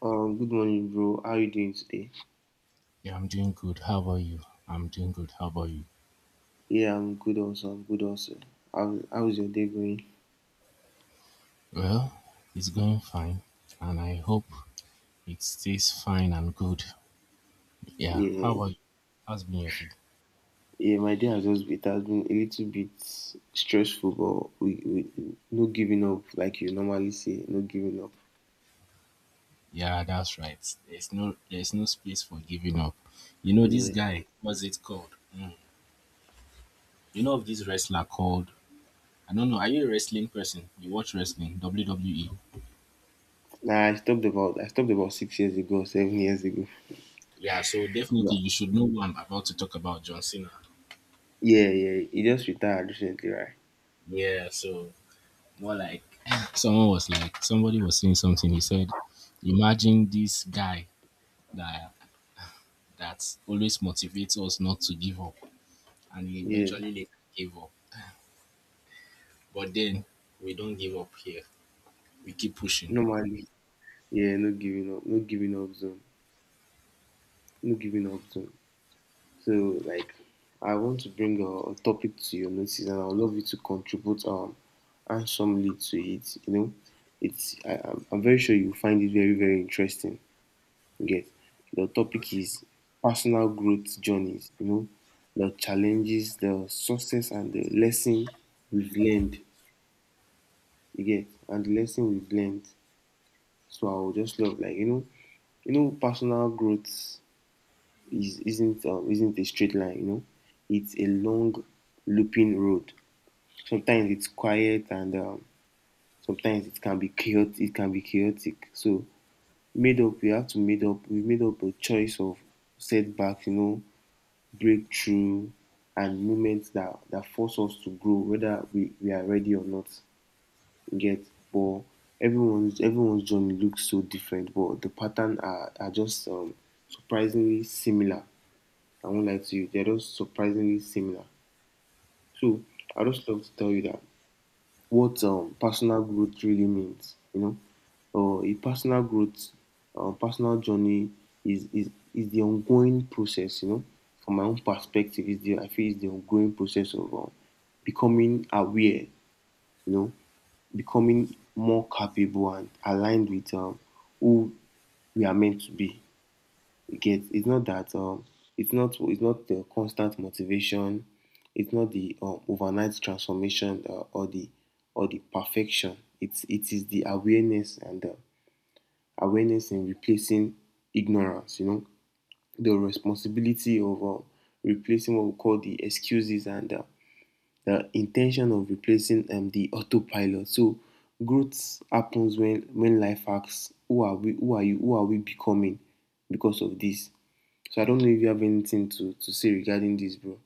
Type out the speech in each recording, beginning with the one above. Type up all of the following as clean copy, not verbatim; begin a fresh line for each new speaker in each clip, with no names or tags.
Good morning, bro. How you doing today?
Yeah, I'm doing good. How about you? I'm doing good. How about you?
Yeah, I'm good also. I'm good also. How's your day going?
Well, it's going fine, and I hope it stays fine and good. Yeah. How
Yeah,
about you? How's been your day?
yeah. My day has just been, it has been a little bit stressful, we no giving up like you normally say. No giving up.
Yeah, that's right. There's no space for giving up. You know this
Yeah.
guy. What's it called? Mm. You know of this wrestler called? I don't know. Are you a wrestling person? You watch wrestling? WWE.
Nah, I stopped about 6 years ago, 7 years ago.
Yeah. So definitely
But
you should know who I'm about to talk about. John Cena.
yeah, he just retired recently, right?
Yeah. So more like somebody was saying something. He said, "Imagine this guy that that always motivates us not to give up, and he
Yeah.
eventually later gave up. But then we don't give up here. We keep pushing."
Normally. Yeah. No giving up. No giving up zone. No giving up zone. So, like, I want to bring a topic to your notice, and I would love you to contribute handsomely to it. You know, I'm very sure you find it very interesting. You get, the topic is personal growth journeys. You know, the challenges, the success, and the lesson we've learned. You get, and the lesson we've learned. So I would just love, you know, personal growth is isn't a straight line. You know, it's a long looping road. Sometimes it's quiet and sometimes it can be chaotic. It can be chaotic. So made up. We made up a choice of setbacks. You know, breakthrough and moments that force us to grow, whether we are ready or not. You get, but everyone's journey looks so different, but the are just surprisingly similar. I won't lie to you, they're just surprisingly similar. So I just love to tell you that what personal growth really means, you know. A personal journey is the ongoing process. You know, from my own perspective, is the I feel it's the ongoing process of becoming aware, you know, becoming more capable and aligned with who we are meant to be. You get? It's not the constant motivation. It's not the overnight transformation, or the perfection. It is the awareness, and the awareness in replacing ignorance. You know, the responsibility of replacing what we call the excuses, and the intention of replacing the autopilot. So growth happens when life asks, "Who are we? Who are you? Who are we becoming?" Because of this. So I don't know if you have anything to say regarding this, bro.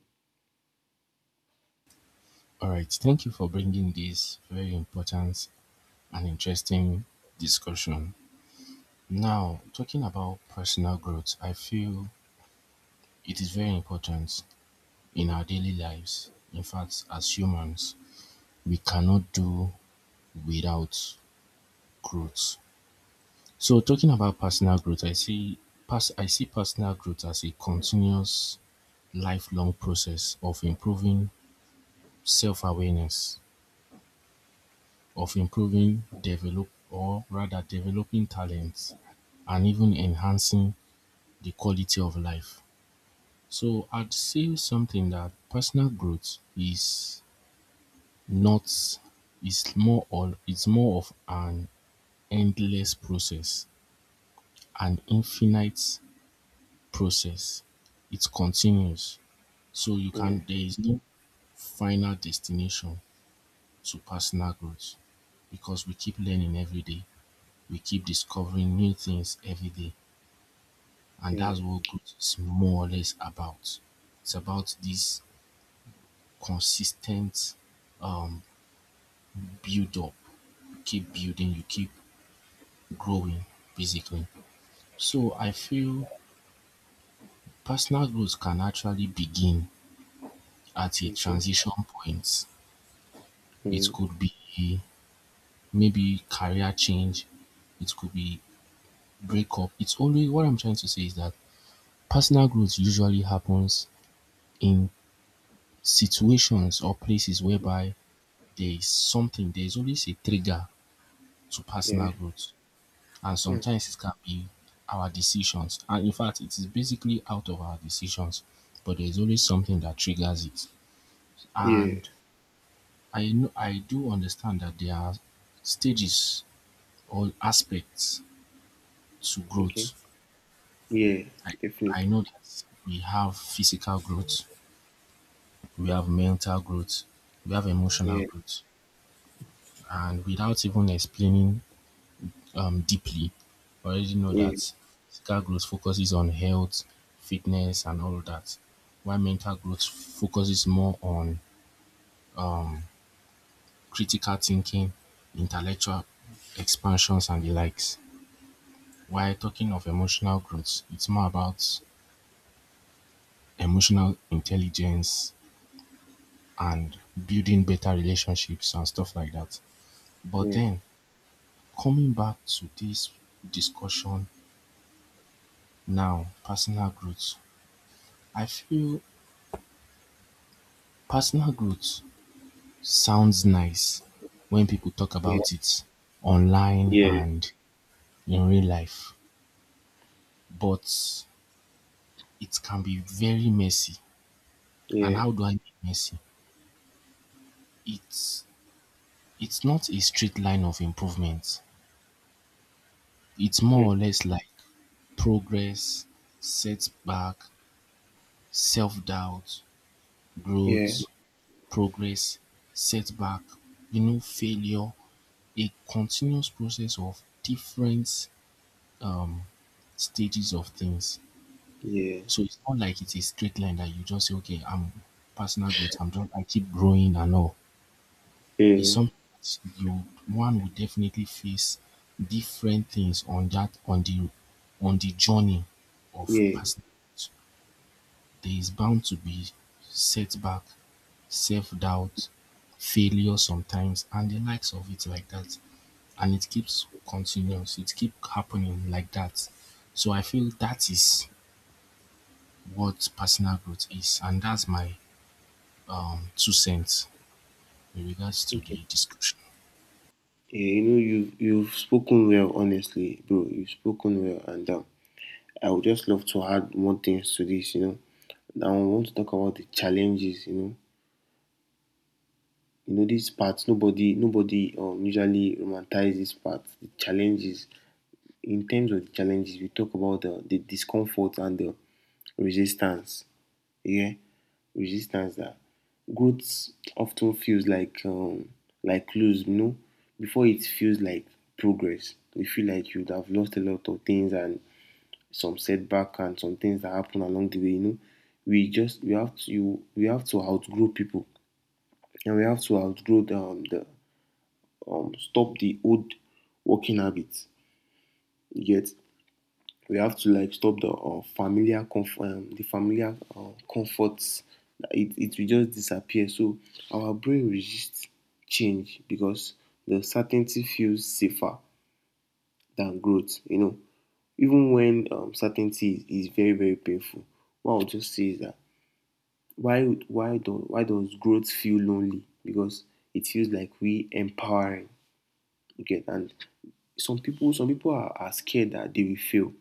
All right. Thank you for bringing this very important and interesting discussion. Now, talking about personal growth, I feel it is very important in our daily lives. In fact, as humans, we cannot do without growth. So talking about personal growth, I see personal growth as a continuous lifelong process of improving self-awareness, of improving develop or rather developing talents and even enhancing the quality of life. So I'd say something that personal growth is not is more or it's more of an endless process, an infinite process. It continues. So you
Yeah.
can There is no final destination to personal growth, because we keep learning every day. We keep discovering new things every day. And
Yeah.
that's what growth is more or less about. It's about this consistent um build up. You keep building, you keep growing basically. So I feel personal growth can actually begin at a
Okay.
transition point. It
Mm.
could be maybe career change, it could be breakup. It's always What I'm trying to say is that personal growth usually happens in situations or places whereby there's always a trigger to
Yeah.
personal growth. And
Mm.
sometimes it can be our decisions. And in fact, it is basically out of our decisions, but there's always something that triggers it.
Yeah.
And I do understand that there are stages or aspects to
Okay.
growth.
Yeah.
I I
Definitely.
know that we have physical growth, we have mental growth, we have emotional
Yeah.
growth, and without even explaining deeply, I already know
Yeah.
that physical growth focuses on health, fitness, and all of that, while mental growth focuses more on critical thinking, intellectual expansions, and the likes. While talking of emotional growth, it's more about emotional intelligence, and building better relationships and stuff like that. But
Yeah.
then, coming back to this discussion now, personal growth. I feel personal growth sounds nice when people talk
Yeah.
about it online
Yeah.
and in real life, but it can be very messy. And
Yeah.
how do I mean messy? It's not a straight line of improvement. It's
Mm.
more or less like progress, setback, self-doubt,
Yeah.
growth, progress, setback, you know, failure, a continuous process of different um, stages of things.
Yeah.
So it's not like it's a straight line that you just say, okay, I'm personal growth, I'm just, I keep growing and all. It's
Yeah.
something that you, one will definitely face different things on that, on the journey of
Yeah.
personal growth. There is bound to be setback, self-doubt, failure sometimes and the likes of it like that. And it keeps continuous, it keep happening like that. So I feel that is what personal growth is, and that's my 2 cents in regards to
Okay.
the description.
Yeah, you know, you've spoken well, honestly, bro. You've spoken well, and I would just love to add more things to this. You know, now I want to talk about the challenges. You know this part. Nobody usually romanticize this part. The challenges. In terms of challenges, we talk about the discomfort and the resistance. Yeah, resistance, that growth often feels like close, you know, before it feels like progress. You feel like you'd have lost a lot of things, and some setback and some things that happen along the way. You know, we have to outgrow people, and we have to outgrow the stop the old working habits. You get, we have to like stop the the familiar comforts. It will just disappear. So our brain resists change, because the certainty feels safer than growth, you know, even when certainty is very painful. What I'll just say is that why does growth feel lonely? Because it feels like we empowering. Okay. And some people are scared that they will fail.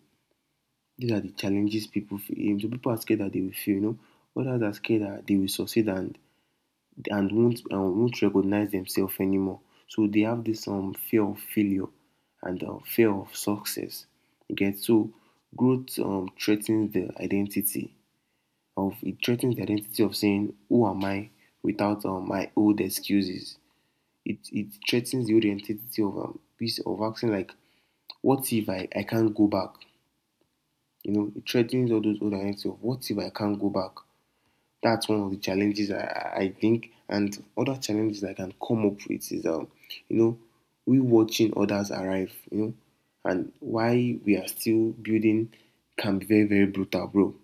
These are the challenges people feel. Some people are scared that they will fail, you know. Others are scared that they will succeed, and won't, recognize themselves anymore. So they have this fear of failure and fear of success. You get, so growth threatens the identity of it threatens the identity of saying, who am I without my old excuses? It threatens the old identity of piece of acting like, what if I can't go back? You know, it threatens all those old identity of, what if I can't go back? That's one of the challenges I think. And other challenges I can come up with is, you know, we watching others arrive, you know, and why we are still building, can be very, very brutal, bro.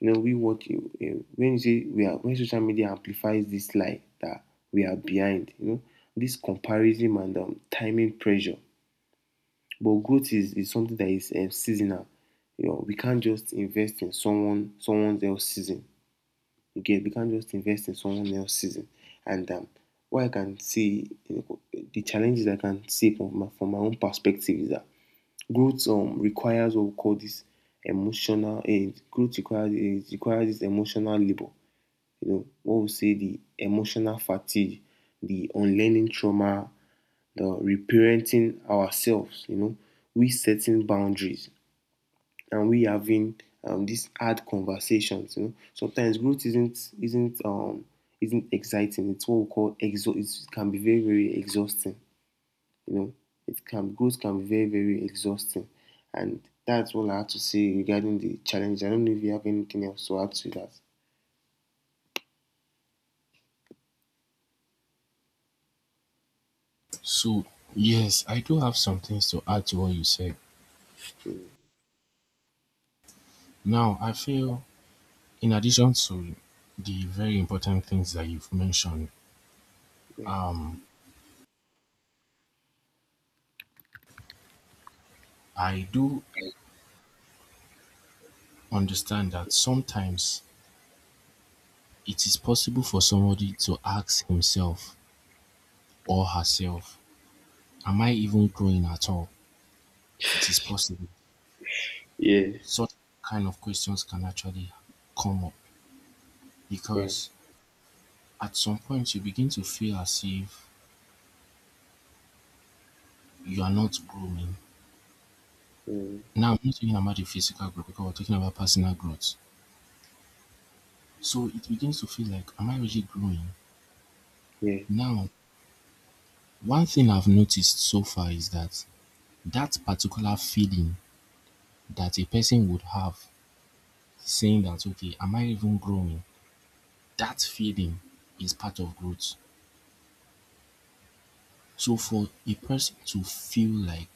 You know, we watch, when you say we are, when social media amplifies this lie that we are behind, you know, this comparison and timing pressure. But growth is something that is seasonal. You know, we can't just invest in someone else's season. You get? We can't just invest in someone else's season. And what I can see, you know, the challenges I can see from from my own perspective is that growth requires what we call this emotional eh, growth requires, it requires this emotional labor. You know, what we say, the emotional fatigue, the unlearning trauma, the reparenting ourselves, you know, we setting boundaries, and we having these hard conversations. You know, sometimes growth isn't isn't exciting. It's what we call exo. It can be very exhausting. You know, it can growth can be very exhausting, and that's all I have to say regarding the challenge. I don't know if you have anything else to add to that.
So yes, I do have some things to add to what you said. Now I feel, in addition to the very important things that you've mentioned,
Yeah.
um I do understand that sometimes it is possible for somebody to ask himself or herself, am I even growing at all? It is possible.
Yeah.
Such kind of questions can actually come up,
Yeah.
because at some point you begin to feel as if you are not growing.
Mm.
Now, I'm not talking about the physical growth because we're talking about personal growth. So it begins to feel like, am I really growing?
Yeah.
Now, one thing I've noticed so far is that that particular feeling that a person would have, saying that okay, am I even growing? That feeling is part of growth. So for a person to feel like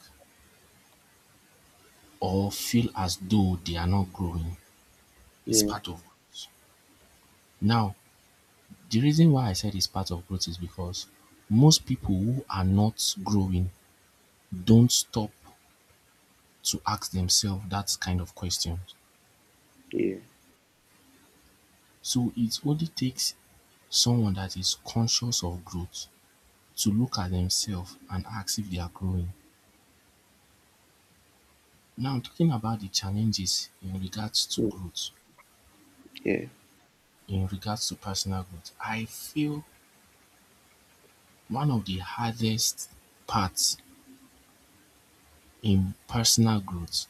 or feel as though they are not growing is
Yeah.
part of growth. Now, the reason why I said it's part of growth is because most people who are not growing don't stop to ask themselves that kind of question.
Yeah.
So it only takes someone that is conscious of growth to look at themselves and ask if they are growing. Now talking about the challenges in regards to
Mm.
growth,
Yeah.
in regards to personal growth, I feel one of the hardest parts in personal growth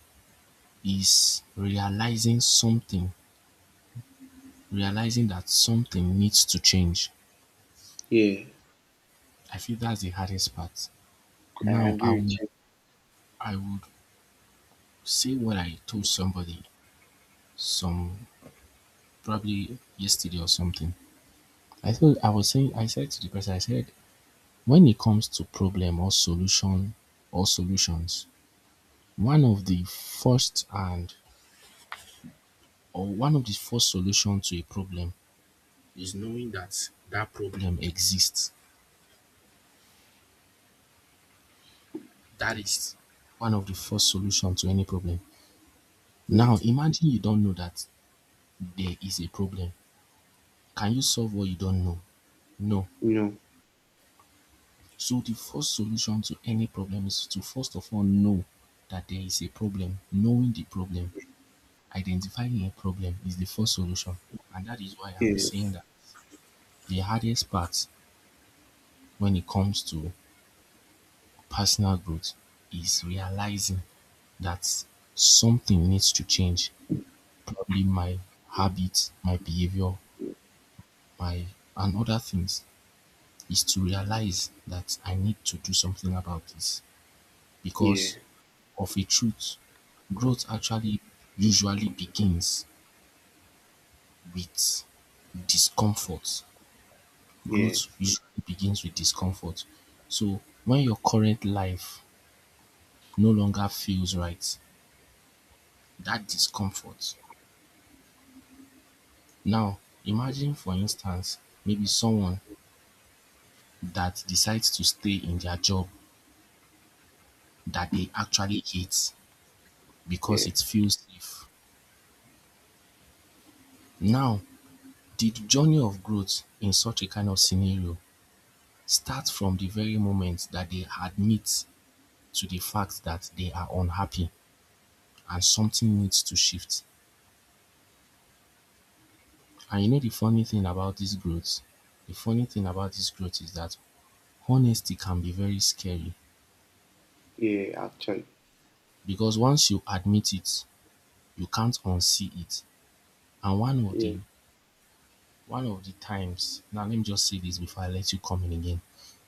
is realizing something, realizing that something needs to change.
Yeah.
I feel that's the hardest part.
I
Now
agree with you.
I would say what I told somebody some probably yesterday or something. I was saying I said to the person, I said, when it comes to problem or solution or solutions, one of the first and one of the first solution to a problem is knowing that that problem exists. That is one of the first solution to any problem.
Mm.
Now imagine you don't know that there is a problem. Can you solve what you don't know? No.
You know,
So the first solution to any problem is to first of all know that there is a problem, knowing the problem, identifying your problem is the first solution, and that is why I'm
yeah,
saying that the hardest part when it comes to personal growth is realizing that something needs to change. Probably my habits, my behavior, my and other things, is to realize that I need to do something about this,
yeah,
because of a truth. Growth actually usually begins with discomfort
yeah,
growth usually begins with discomfort. So when your current life no longer feels right, that discomfort. Now, imagine for instance, maybe someone that decides to stay in their job that they actually hate because
yeah,
it feels safe. Now, the journey of growth in such a kind of scenario starts from the very moment that they admit to the fact that they are unhappy and something needs to shift. And you know the funny thing about this growth? The funny thing about this growth is that honesty can be very scary,
yeah. Actually,
because once you admit it, you can't unsee it. And one of
yeah,
the one of the times, now let me just say this before I let you come in again.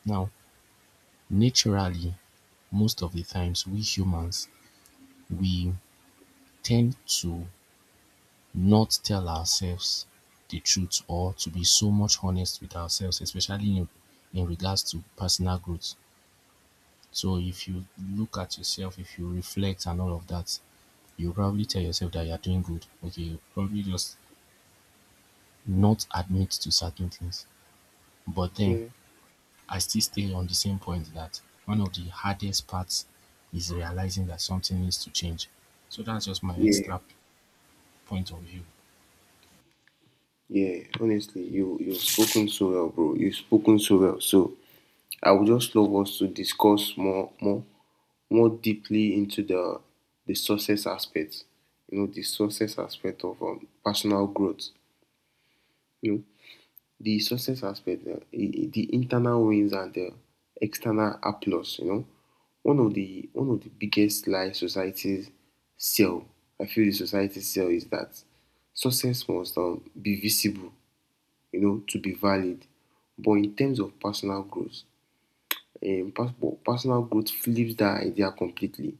Now, naturally, most of the times we humans we tend to not tell ourselves the truth or to be so much honest with ourselves, especially in regards to personal growth. So if you look at yourself, if you reflect and all of that, you probably tell yourself that you are doing good. Okay, you probably just not admit to certain things. But then
yeah,
I still stay on the same point that one of the hardest parts is realizing that something needs to change. So that's just my
yeah,
point of view.
yeah. Honestly, you've spoken so well, bro. You've spoken so well. So I would just love us to discuss more, more deeply into the success aspect. You know, the success aspect of personal growth. You know, the success aspect, the internal wins and the external applause. You know, one of the biggest lie societies sell. I feel the society sell is that success must be visible, you know, to be valid. But in terms of personal growth, pers- but personal growth flips that idea completely.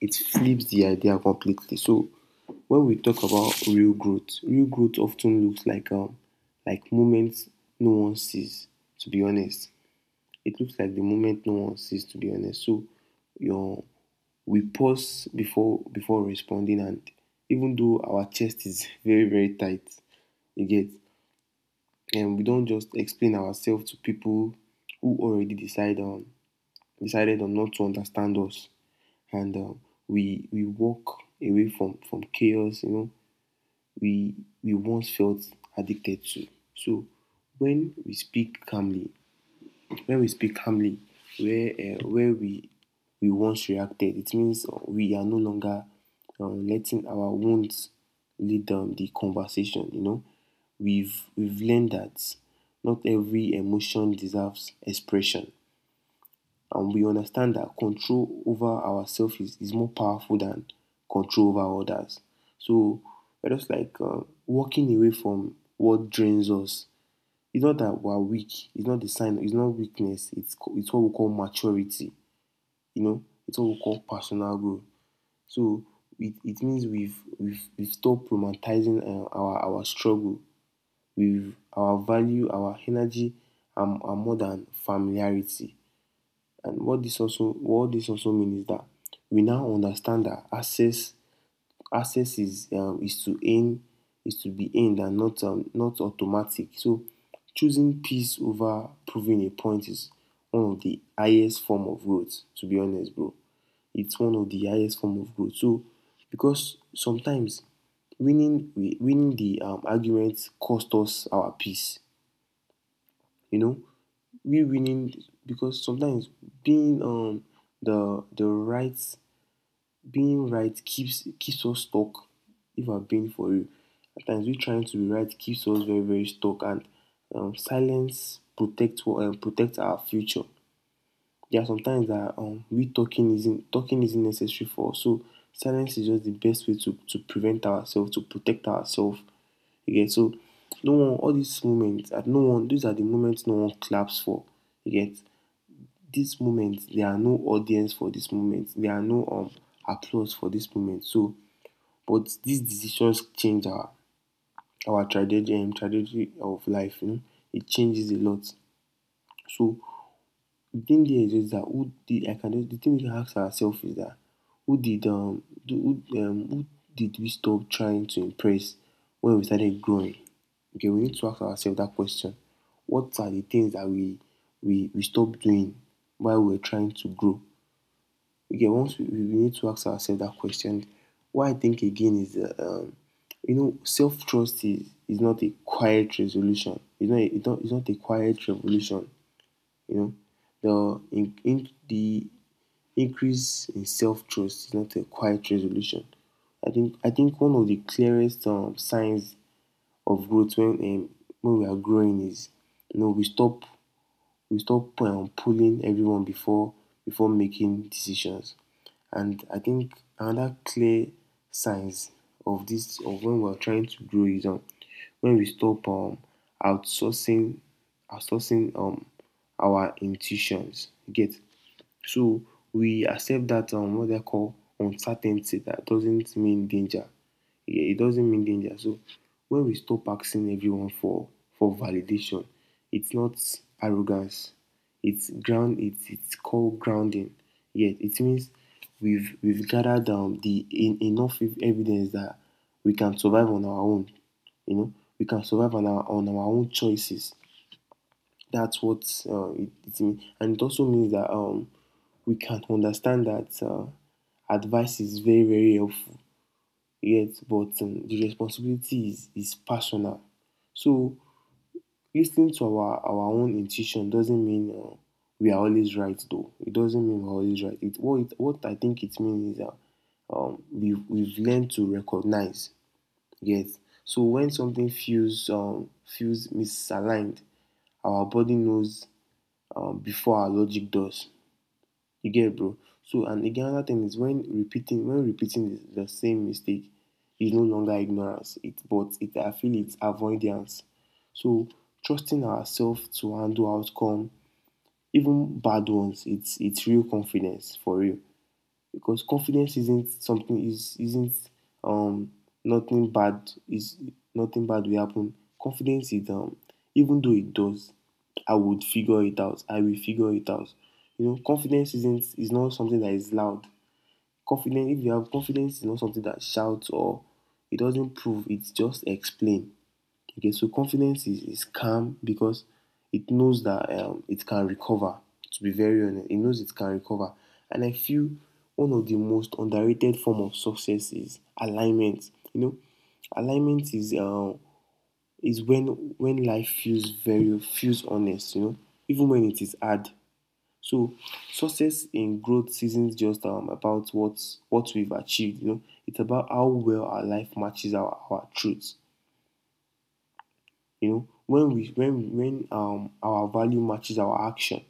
So when we talk about real growth often looks like moments no one sees, to be honest. It looks like the moment no one sees, to be honest. So your we pause before responding, and even though our chest is very, very tight, you get, and we don't just explain ourselves to people who already decide on decided on not to understand us. And we walk away from chaos, you know, we we once felt addicted to. So when we speak calmly, when we speak calmly where we once reacted, it means we are no longer letting our wounds lead the conversation. You know, we've learned that not every emotion deserves expression, and we understand that control over ourselves is more powerful than control over others. So we're just like walking away from what drains us. It's not that we're weak. It's not the sign. It's not weakness. It's what we call maturity. You know, it's what we call personal growth. So it means we've stopped romanticizing our struggle. We've our value, our energy, are more than familiarity. And what this also means is that we now understand that access is to aim is to be aimed, and not automatic. So choosing peace over proving a point is one of the highest form of growth. To be honest, bro, it's one of the highest form of growth. So because sometimes winning the argument cost us our peace, you know, we winning. Because sometimes being um the the right being right keeps us stuck. If I'm being for you, at times we trying to be right keeps us very stuck. And silence protect what protect our future. There are sometimes that we talking isn't necessary for us. So silence is just the best way to prevent ourselves, to protect ourselves. Okay, so no one all these moments at no one these are the moments no one claps for. You get, these moments, there are no audience for this moment. There are no applause for this moment. So but these decisions change our trajectory of life. You know, it changes a lot. So The thing there is just that who did I can just the thing we can ask ourselves is that, who did we stop trying to impress when we started growing? Okay, we need to ask ourselves that question. What are the things that we stopped doing while we were trying to grow? Okay, once we need to ask ourselves that question. What I think again is that you know, self trust is not a quiet resolution. It's not a it's not a quiet revolution, you know, the increase in self-trust is not a quiet resolution. I think one of the clearest signs of growth when we are growing is, you know, we stop pulling everyone before making decisions. And I think another clear signs of this of when we're trying to grow is when we stop outsourcing outsourcing our intuitions. You get. So we accept that what they call uncertainty, that doesn't mean danger. Yeah, it doesn't mean danger. So when we stop asking everyone for validation, it's not arrogance. It's ground. It's called grounding. Yeah, it means we've gathered enough evidence that we can survive on our own. You know, we can survive on our own choices. That's what it means. And it also means that we can understand that advice is very, very helpful. Yet, but the responsibility is personal. So, listening to our own intuition doesn't mean we are always right, though. It doesn't mean we're always right. What I think it means is that we've learned to recognize. Yes. So when something feels feels misaligned, our body knows before our logic does. You get it, bro. So and again, another thing is when repeating the same mistake is no longer ignorance, it but it I feel it's avoidance. So trusting ourselves to handle outcome, even bad ones, it's real confidence, for real. Because confidence isn't something is isn't um nothing bad is nothing bad will happen. Confidence is, even though it does, I will figure it out. You know, confidence isn't is not something that is loud. Confidence, if you have confidence, is not something that shouts or it doesn't prove. It's just explain. Okay, so confidence is calm because it knows that it can recover. To be very honest, it knows it can recover. And I feel one of the most underrated form of success is alignment. You know, alignment is when life feels honest. You know, even when it is hard. So success in growth isn't just about what we've achieved. You know, it's about how well our life matches our truths. You know, when we when our value matches our action,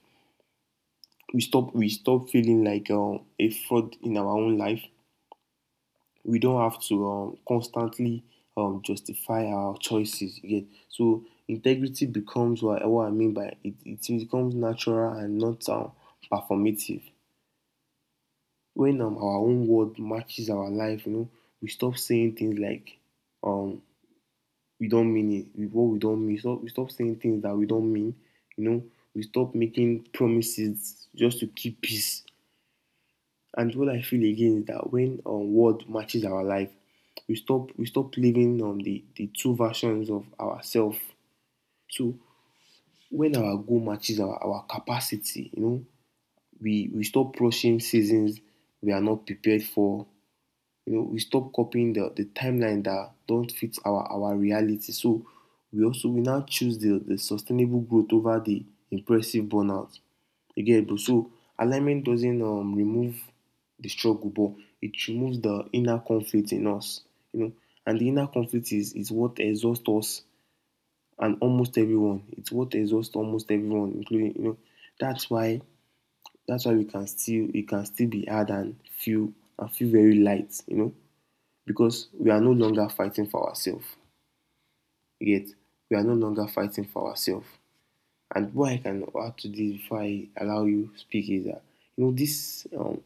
we stop feeling like a fraud in our own life. We don't have to constantly justify our choices. Yet, so integrity becomes what I mean by it. It becomes natural and not performative. When our own word matches our life, you know, we stop saying things like um we don't mean it, what we don't mean. We stop saying things that we don't mean. You know, we stop making promises just to keep peace. And what I feel again is that when word matches our life, we stop living on the two versions of ourselves. So when our goal matches our capacity, you know, we stop rushing seasons we are not prepared for. You know, we stop copying the timeline that don't fit our reality. So we also we now choose the sustainable growth over the impressive burnout. You get, bro. So alignment doesn't remove the struggle, but it removes the inner conflict in us, you know. And the inner conflict is what exhausts us and almost everyone. It's what exhausts almost everyone, including you know. That's why we can still, it can still be hard and feel very light, you know, because we are no longer fighting for ourselves. Yet we are no longer fighting for ourselves. And what I can add to this before I allow you to speak is that you know this,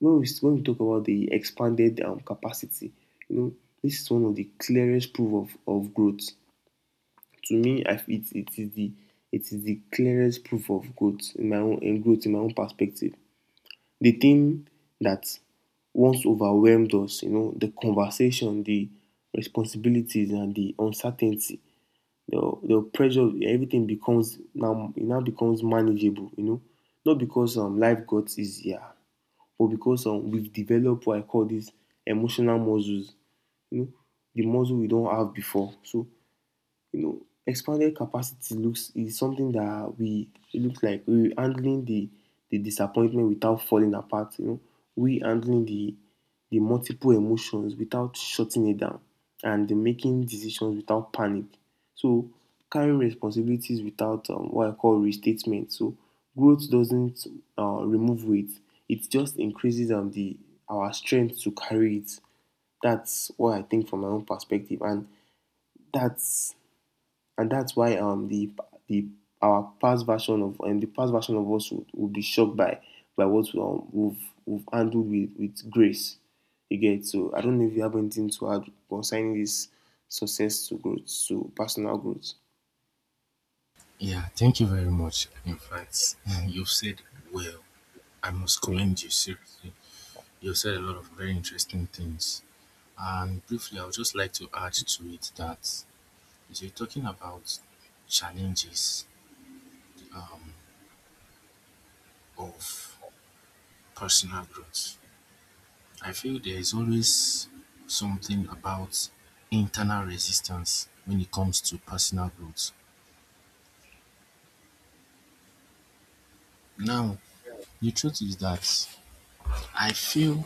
when we talk about the expanded capacity, you know, this is one of the clearest proof of growth. To me, it is the clearest proof of growth in my own in growth in my own perspective. The thing that once overwhelmed us, you know, the conversation, the responsibilities and the uncertainty, the pressure, everything becomes now it now becomes manageable, you know. Not because life got easier, but because we've developed what I call these emotional muscles, you know, the muscle we don't have before. So you know, expanded capacity looks is something that we it looks like we handling the disappointment without falling apart. You know, we handling the multiple emotions without shutting it down, and the making decisions without panic. So carrying responsibilities without what I call restatement. So growth doesn't remove weight; it just increases the our strength to carry it. That's what I think from my own perspective, and that's that's why the our past version of and the past version of us would be shocked by what we've handled with grace. You get. So I don't know if you have anything to add concerning this success to growth to personal growth.
Yeah, thank you very much. In fact, you've said well. I must commend you seriously. You've said a lot of very interesting things. And briefly, I would just like to add to it that so you're talking about challenges um, of personal growth. I feel there is always something about internal resistance when it comes to personal growth. Now, the truth is that I feel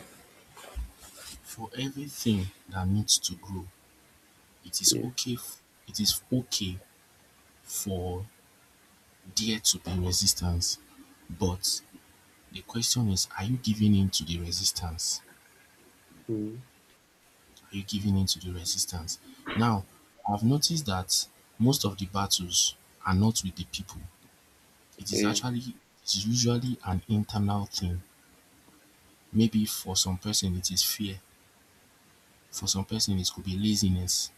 for everything that needs to grow, it is
Yeah.
okay. f- it is okay for there to be resistance, but the question is, are you giving in to the resistance?
Mm.
You're giving in to the resistance. Now, I've noticed that most of the battles are not with the people.
Yeah.
It is usually an internal thing. Maybe for some person it is fear. For some person it could be laziness.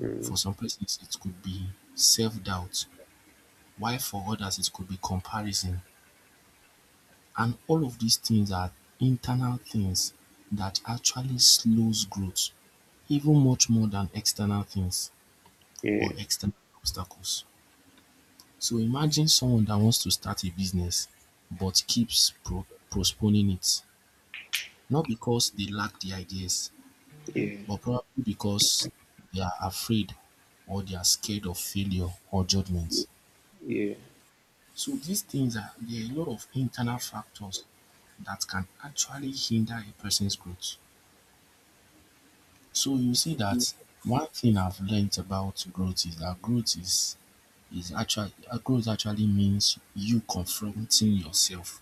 Mm.
For some persons it could be self-doubt. While for others it could be comparison. And all of these things are internal things that actually slows growth even much more than external things
Yeah.
or external obstacles. So imagine someone that wants to start a business but keeps postponing it, not because they lack the ideas,
Yeah.
but probably because they are afraid or they are scared of failure or judgment.
Yeah.
So these things are, there are a lot of internal factors that can actually hinder a person's growth. So you see that one thing I've learned about growth is that growth actually means you confronting yourself.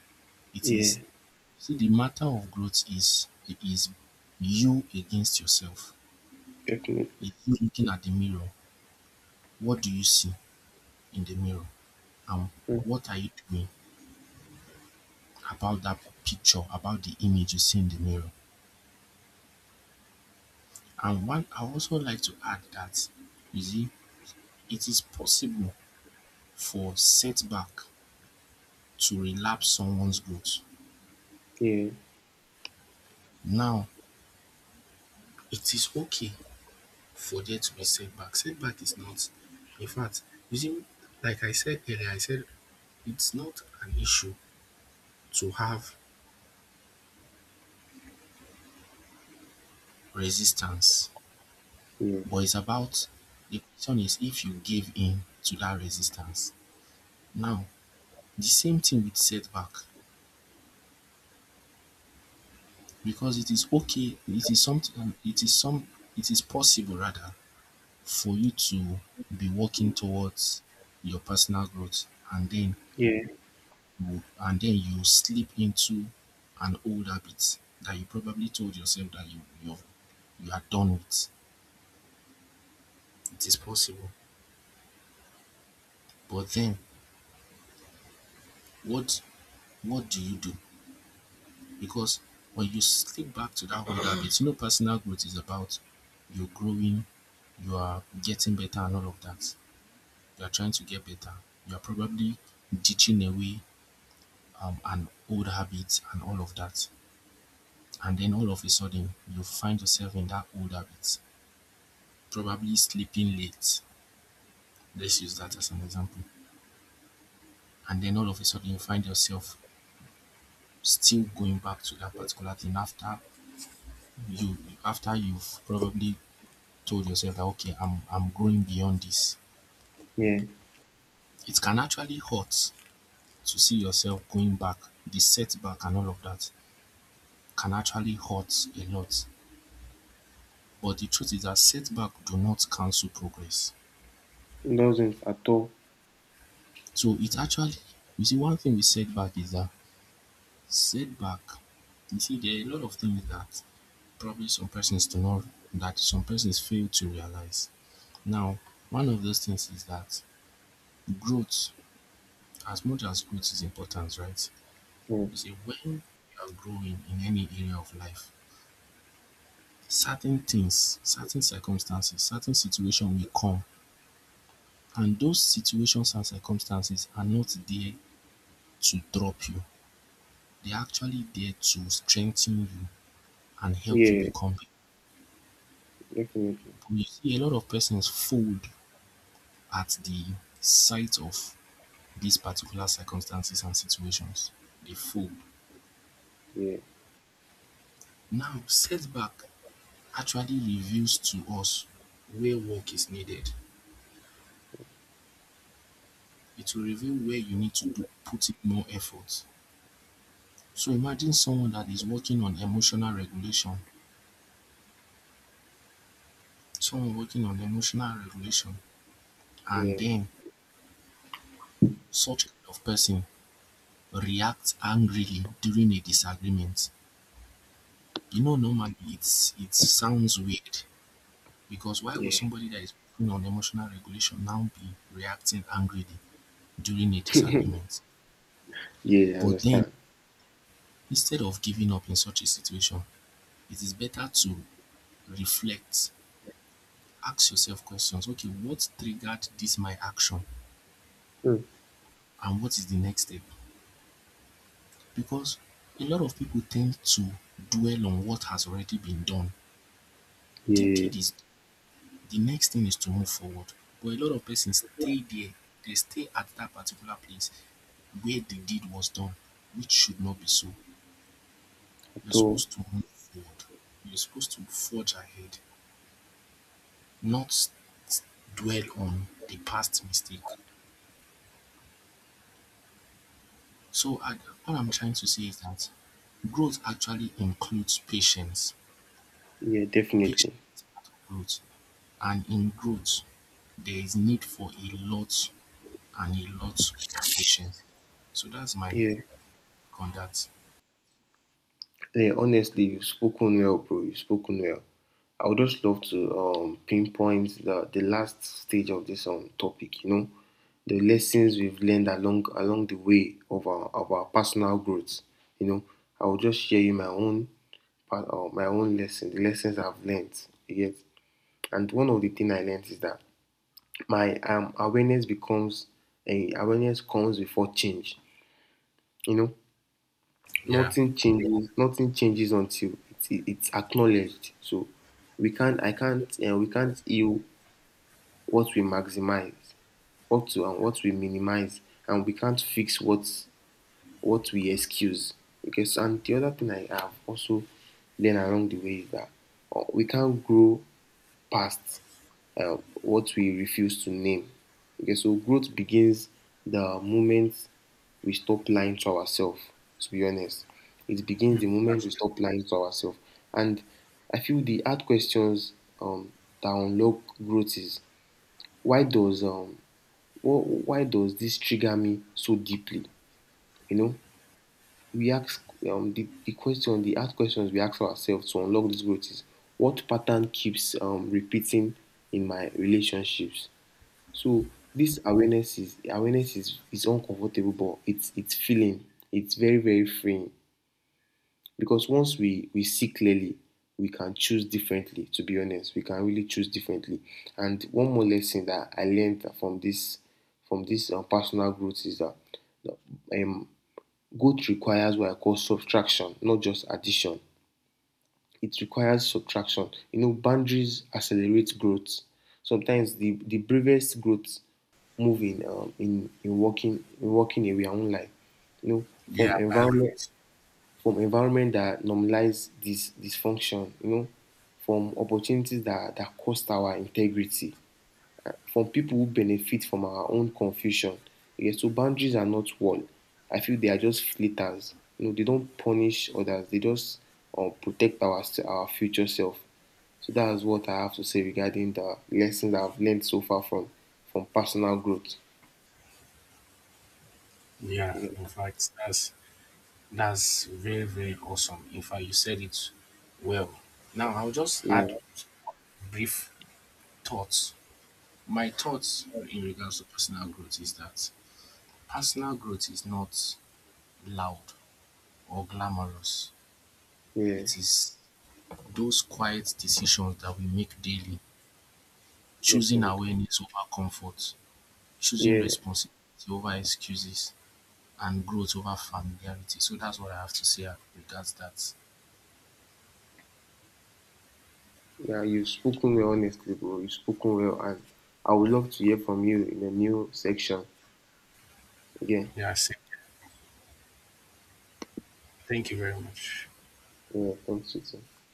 It is,
Yeah.
see, the matter of growth is is you against yourself.
Definitely.
It's you looking at the mirror. What do you see in the mirror? And
Mm.
what are you doing about that picture, about the image you see in the mirror? And one, I also like to add that, you see, it is possible for setback to relapse someone's growth.
Yeah.
Now, it is okay forget to be setback. Setback is not, in fact, you see, like I said earlier, I said it's not an issue to have resistance,
Yeah.
but it's about the question is if you give in to that resistance. Now, the same thing with setback because it is okay, it is something, it is some, it is possible rather for you to be working towards your personal growth and then
Yeah.
mode and then you slip into an old habit that you probably told yourself that you are done with. It is possible. But then what what do you do? Because when you slip back to that old habit, you know personal growth is about you're growing, you are getting better and all of that. You are trying to get better. You are probably ditching away an old habit and all of that. And then all of a sudden you find yourself in that old habit, probably sleeping late, let's use that as an example, and then all of a sudden you find yourself still going back to that particular thing after you after you've probably told yourself that okay, I'm going beyond this.
Yeah.
It can actually hurt to see yourself going back. The setback and all of that can actually hurt a lot. But the truth is that setback do not cancel progress.
It doesn't at all.
So it actually you see one thing with setback is that setback you see there are a lot of things that probably some persons do not that some persons fail to realize. Now, one of those things is that growth, as much as growth is important, right?
Yeah.
You see, when you are growing in any area of life, certain things, certain circumstances, certain situation will come, and those situations and circumstances are not there to drop you. They are actually there to strengthen you and help you
Yeah.
become.
Definitely.
But you see, a lot of persons fold at the sight of these particular circumstances and situations dey fold.
Yeah.
Now setback actually reveals to us where work is needed. It will reveal where you need to do put in more effort. So imagine someone that is working on emotional regulation, someone working on emotional regulation and
Yeah.
then such kind of person reacts angrily during a disagreement. You know normally it sounds weird. Because why would
Yeah.
somebody that is putting on emotional regulation now be reacting angrily during a disagreement?
Yeah. I
But then,
understand.
instead of giving up in such a situation, it is better to reflect, ask yourself questions. Okay, what triggered this my action?
Mm.
And what is the next step? Because a lot of people tend to dwell on what has already been done. The
Yeah,
deed is the next thing is to move forward. But a lot of persons stay there, they stay at that particular place where the deed was done, which should not be so.
at
You're
all.
supposed to move forward, you're supposed to forge ahead, not s- dwell on the past mistake. So, I, all I'm trying to say is that growth actually includes patience.
Yeah,
Patience
definitely.
is part of growth, and in growth, there is need for a lot and a lot of patience. So that's my
Yeah,
conduct.
yeah. Honestly, you've spoken well, bro. You've spoken well. I would just love to pinpoint the last stage of this topic. You know, the lessons we've learned along the way of our personal growth. You know, I will just share you my own part my own lesson, the lessons I've learned. Yes, and one of the things I learned is that my awareness becomes a awareness comes before change. You know,
Yeah,
nothing changes until it's acknowledged. So we can't I can't we can't heal what we maximize what to and what we minimize, and we can't fix what we excuse. Okay, so and the other thing I have also learned along the way is that we can't grow past what we refuse to name. Okay, so growth begins the moment we stop lying to ourselves, to be honest. It begins the moment we stop lying to ourselves. And I feel the hard questions, um, that unlock growth is why does why does this trigger me so deeply? You know, we ask the question, the hard questions we ask ourselves to unlock this growth is what pattern keeps repeating in my relationships? So this awareness is is uncomfortable, but it's feeling. It's very, very freeing. Because once we see clearly, we can choose differently, to be honest. We can really choose differently. And one more lesson that I learned from this, personal growth is that um, growth requires what I call subtraction, not just addition. It requires subtraction. You know, boundaries accelerate growth. Sometimes the bravest growth move in in walking away. I won't lie. You know,
yeah, I agree with
from environment that normalize this dysfunction. You know, from opportunities that cost our integrity. From people who benefit from our own confusion, yes, so boundaries are not wall. I feel they are just flitters. You know, they don't punish others. They just protect our future self. So that is what I have to say regarding the lessons I've learned so far from personal growth.
you. Yeah,
Yeah,
in fact, that's very very awesome. In fact, you said it well. Now I'll just add
yeah,
brief thoughts. My thoughts in regards to personal growth is that personal growth is not loud or glamorous.
yeah,
It is those quiet decisions that we make daily, choosing
definitely.
awareness over comfort, choosing
Yeah,
responsibility over excuses, and growth over familiarity. So that's what I have to say regards that.
yeah. You've spoken well, honestly, bro. You've spoken well, and I would love to hear from you in the new section. Yeah,
Yeah, I see. Thank you very much.
yeah. Thanks, you too.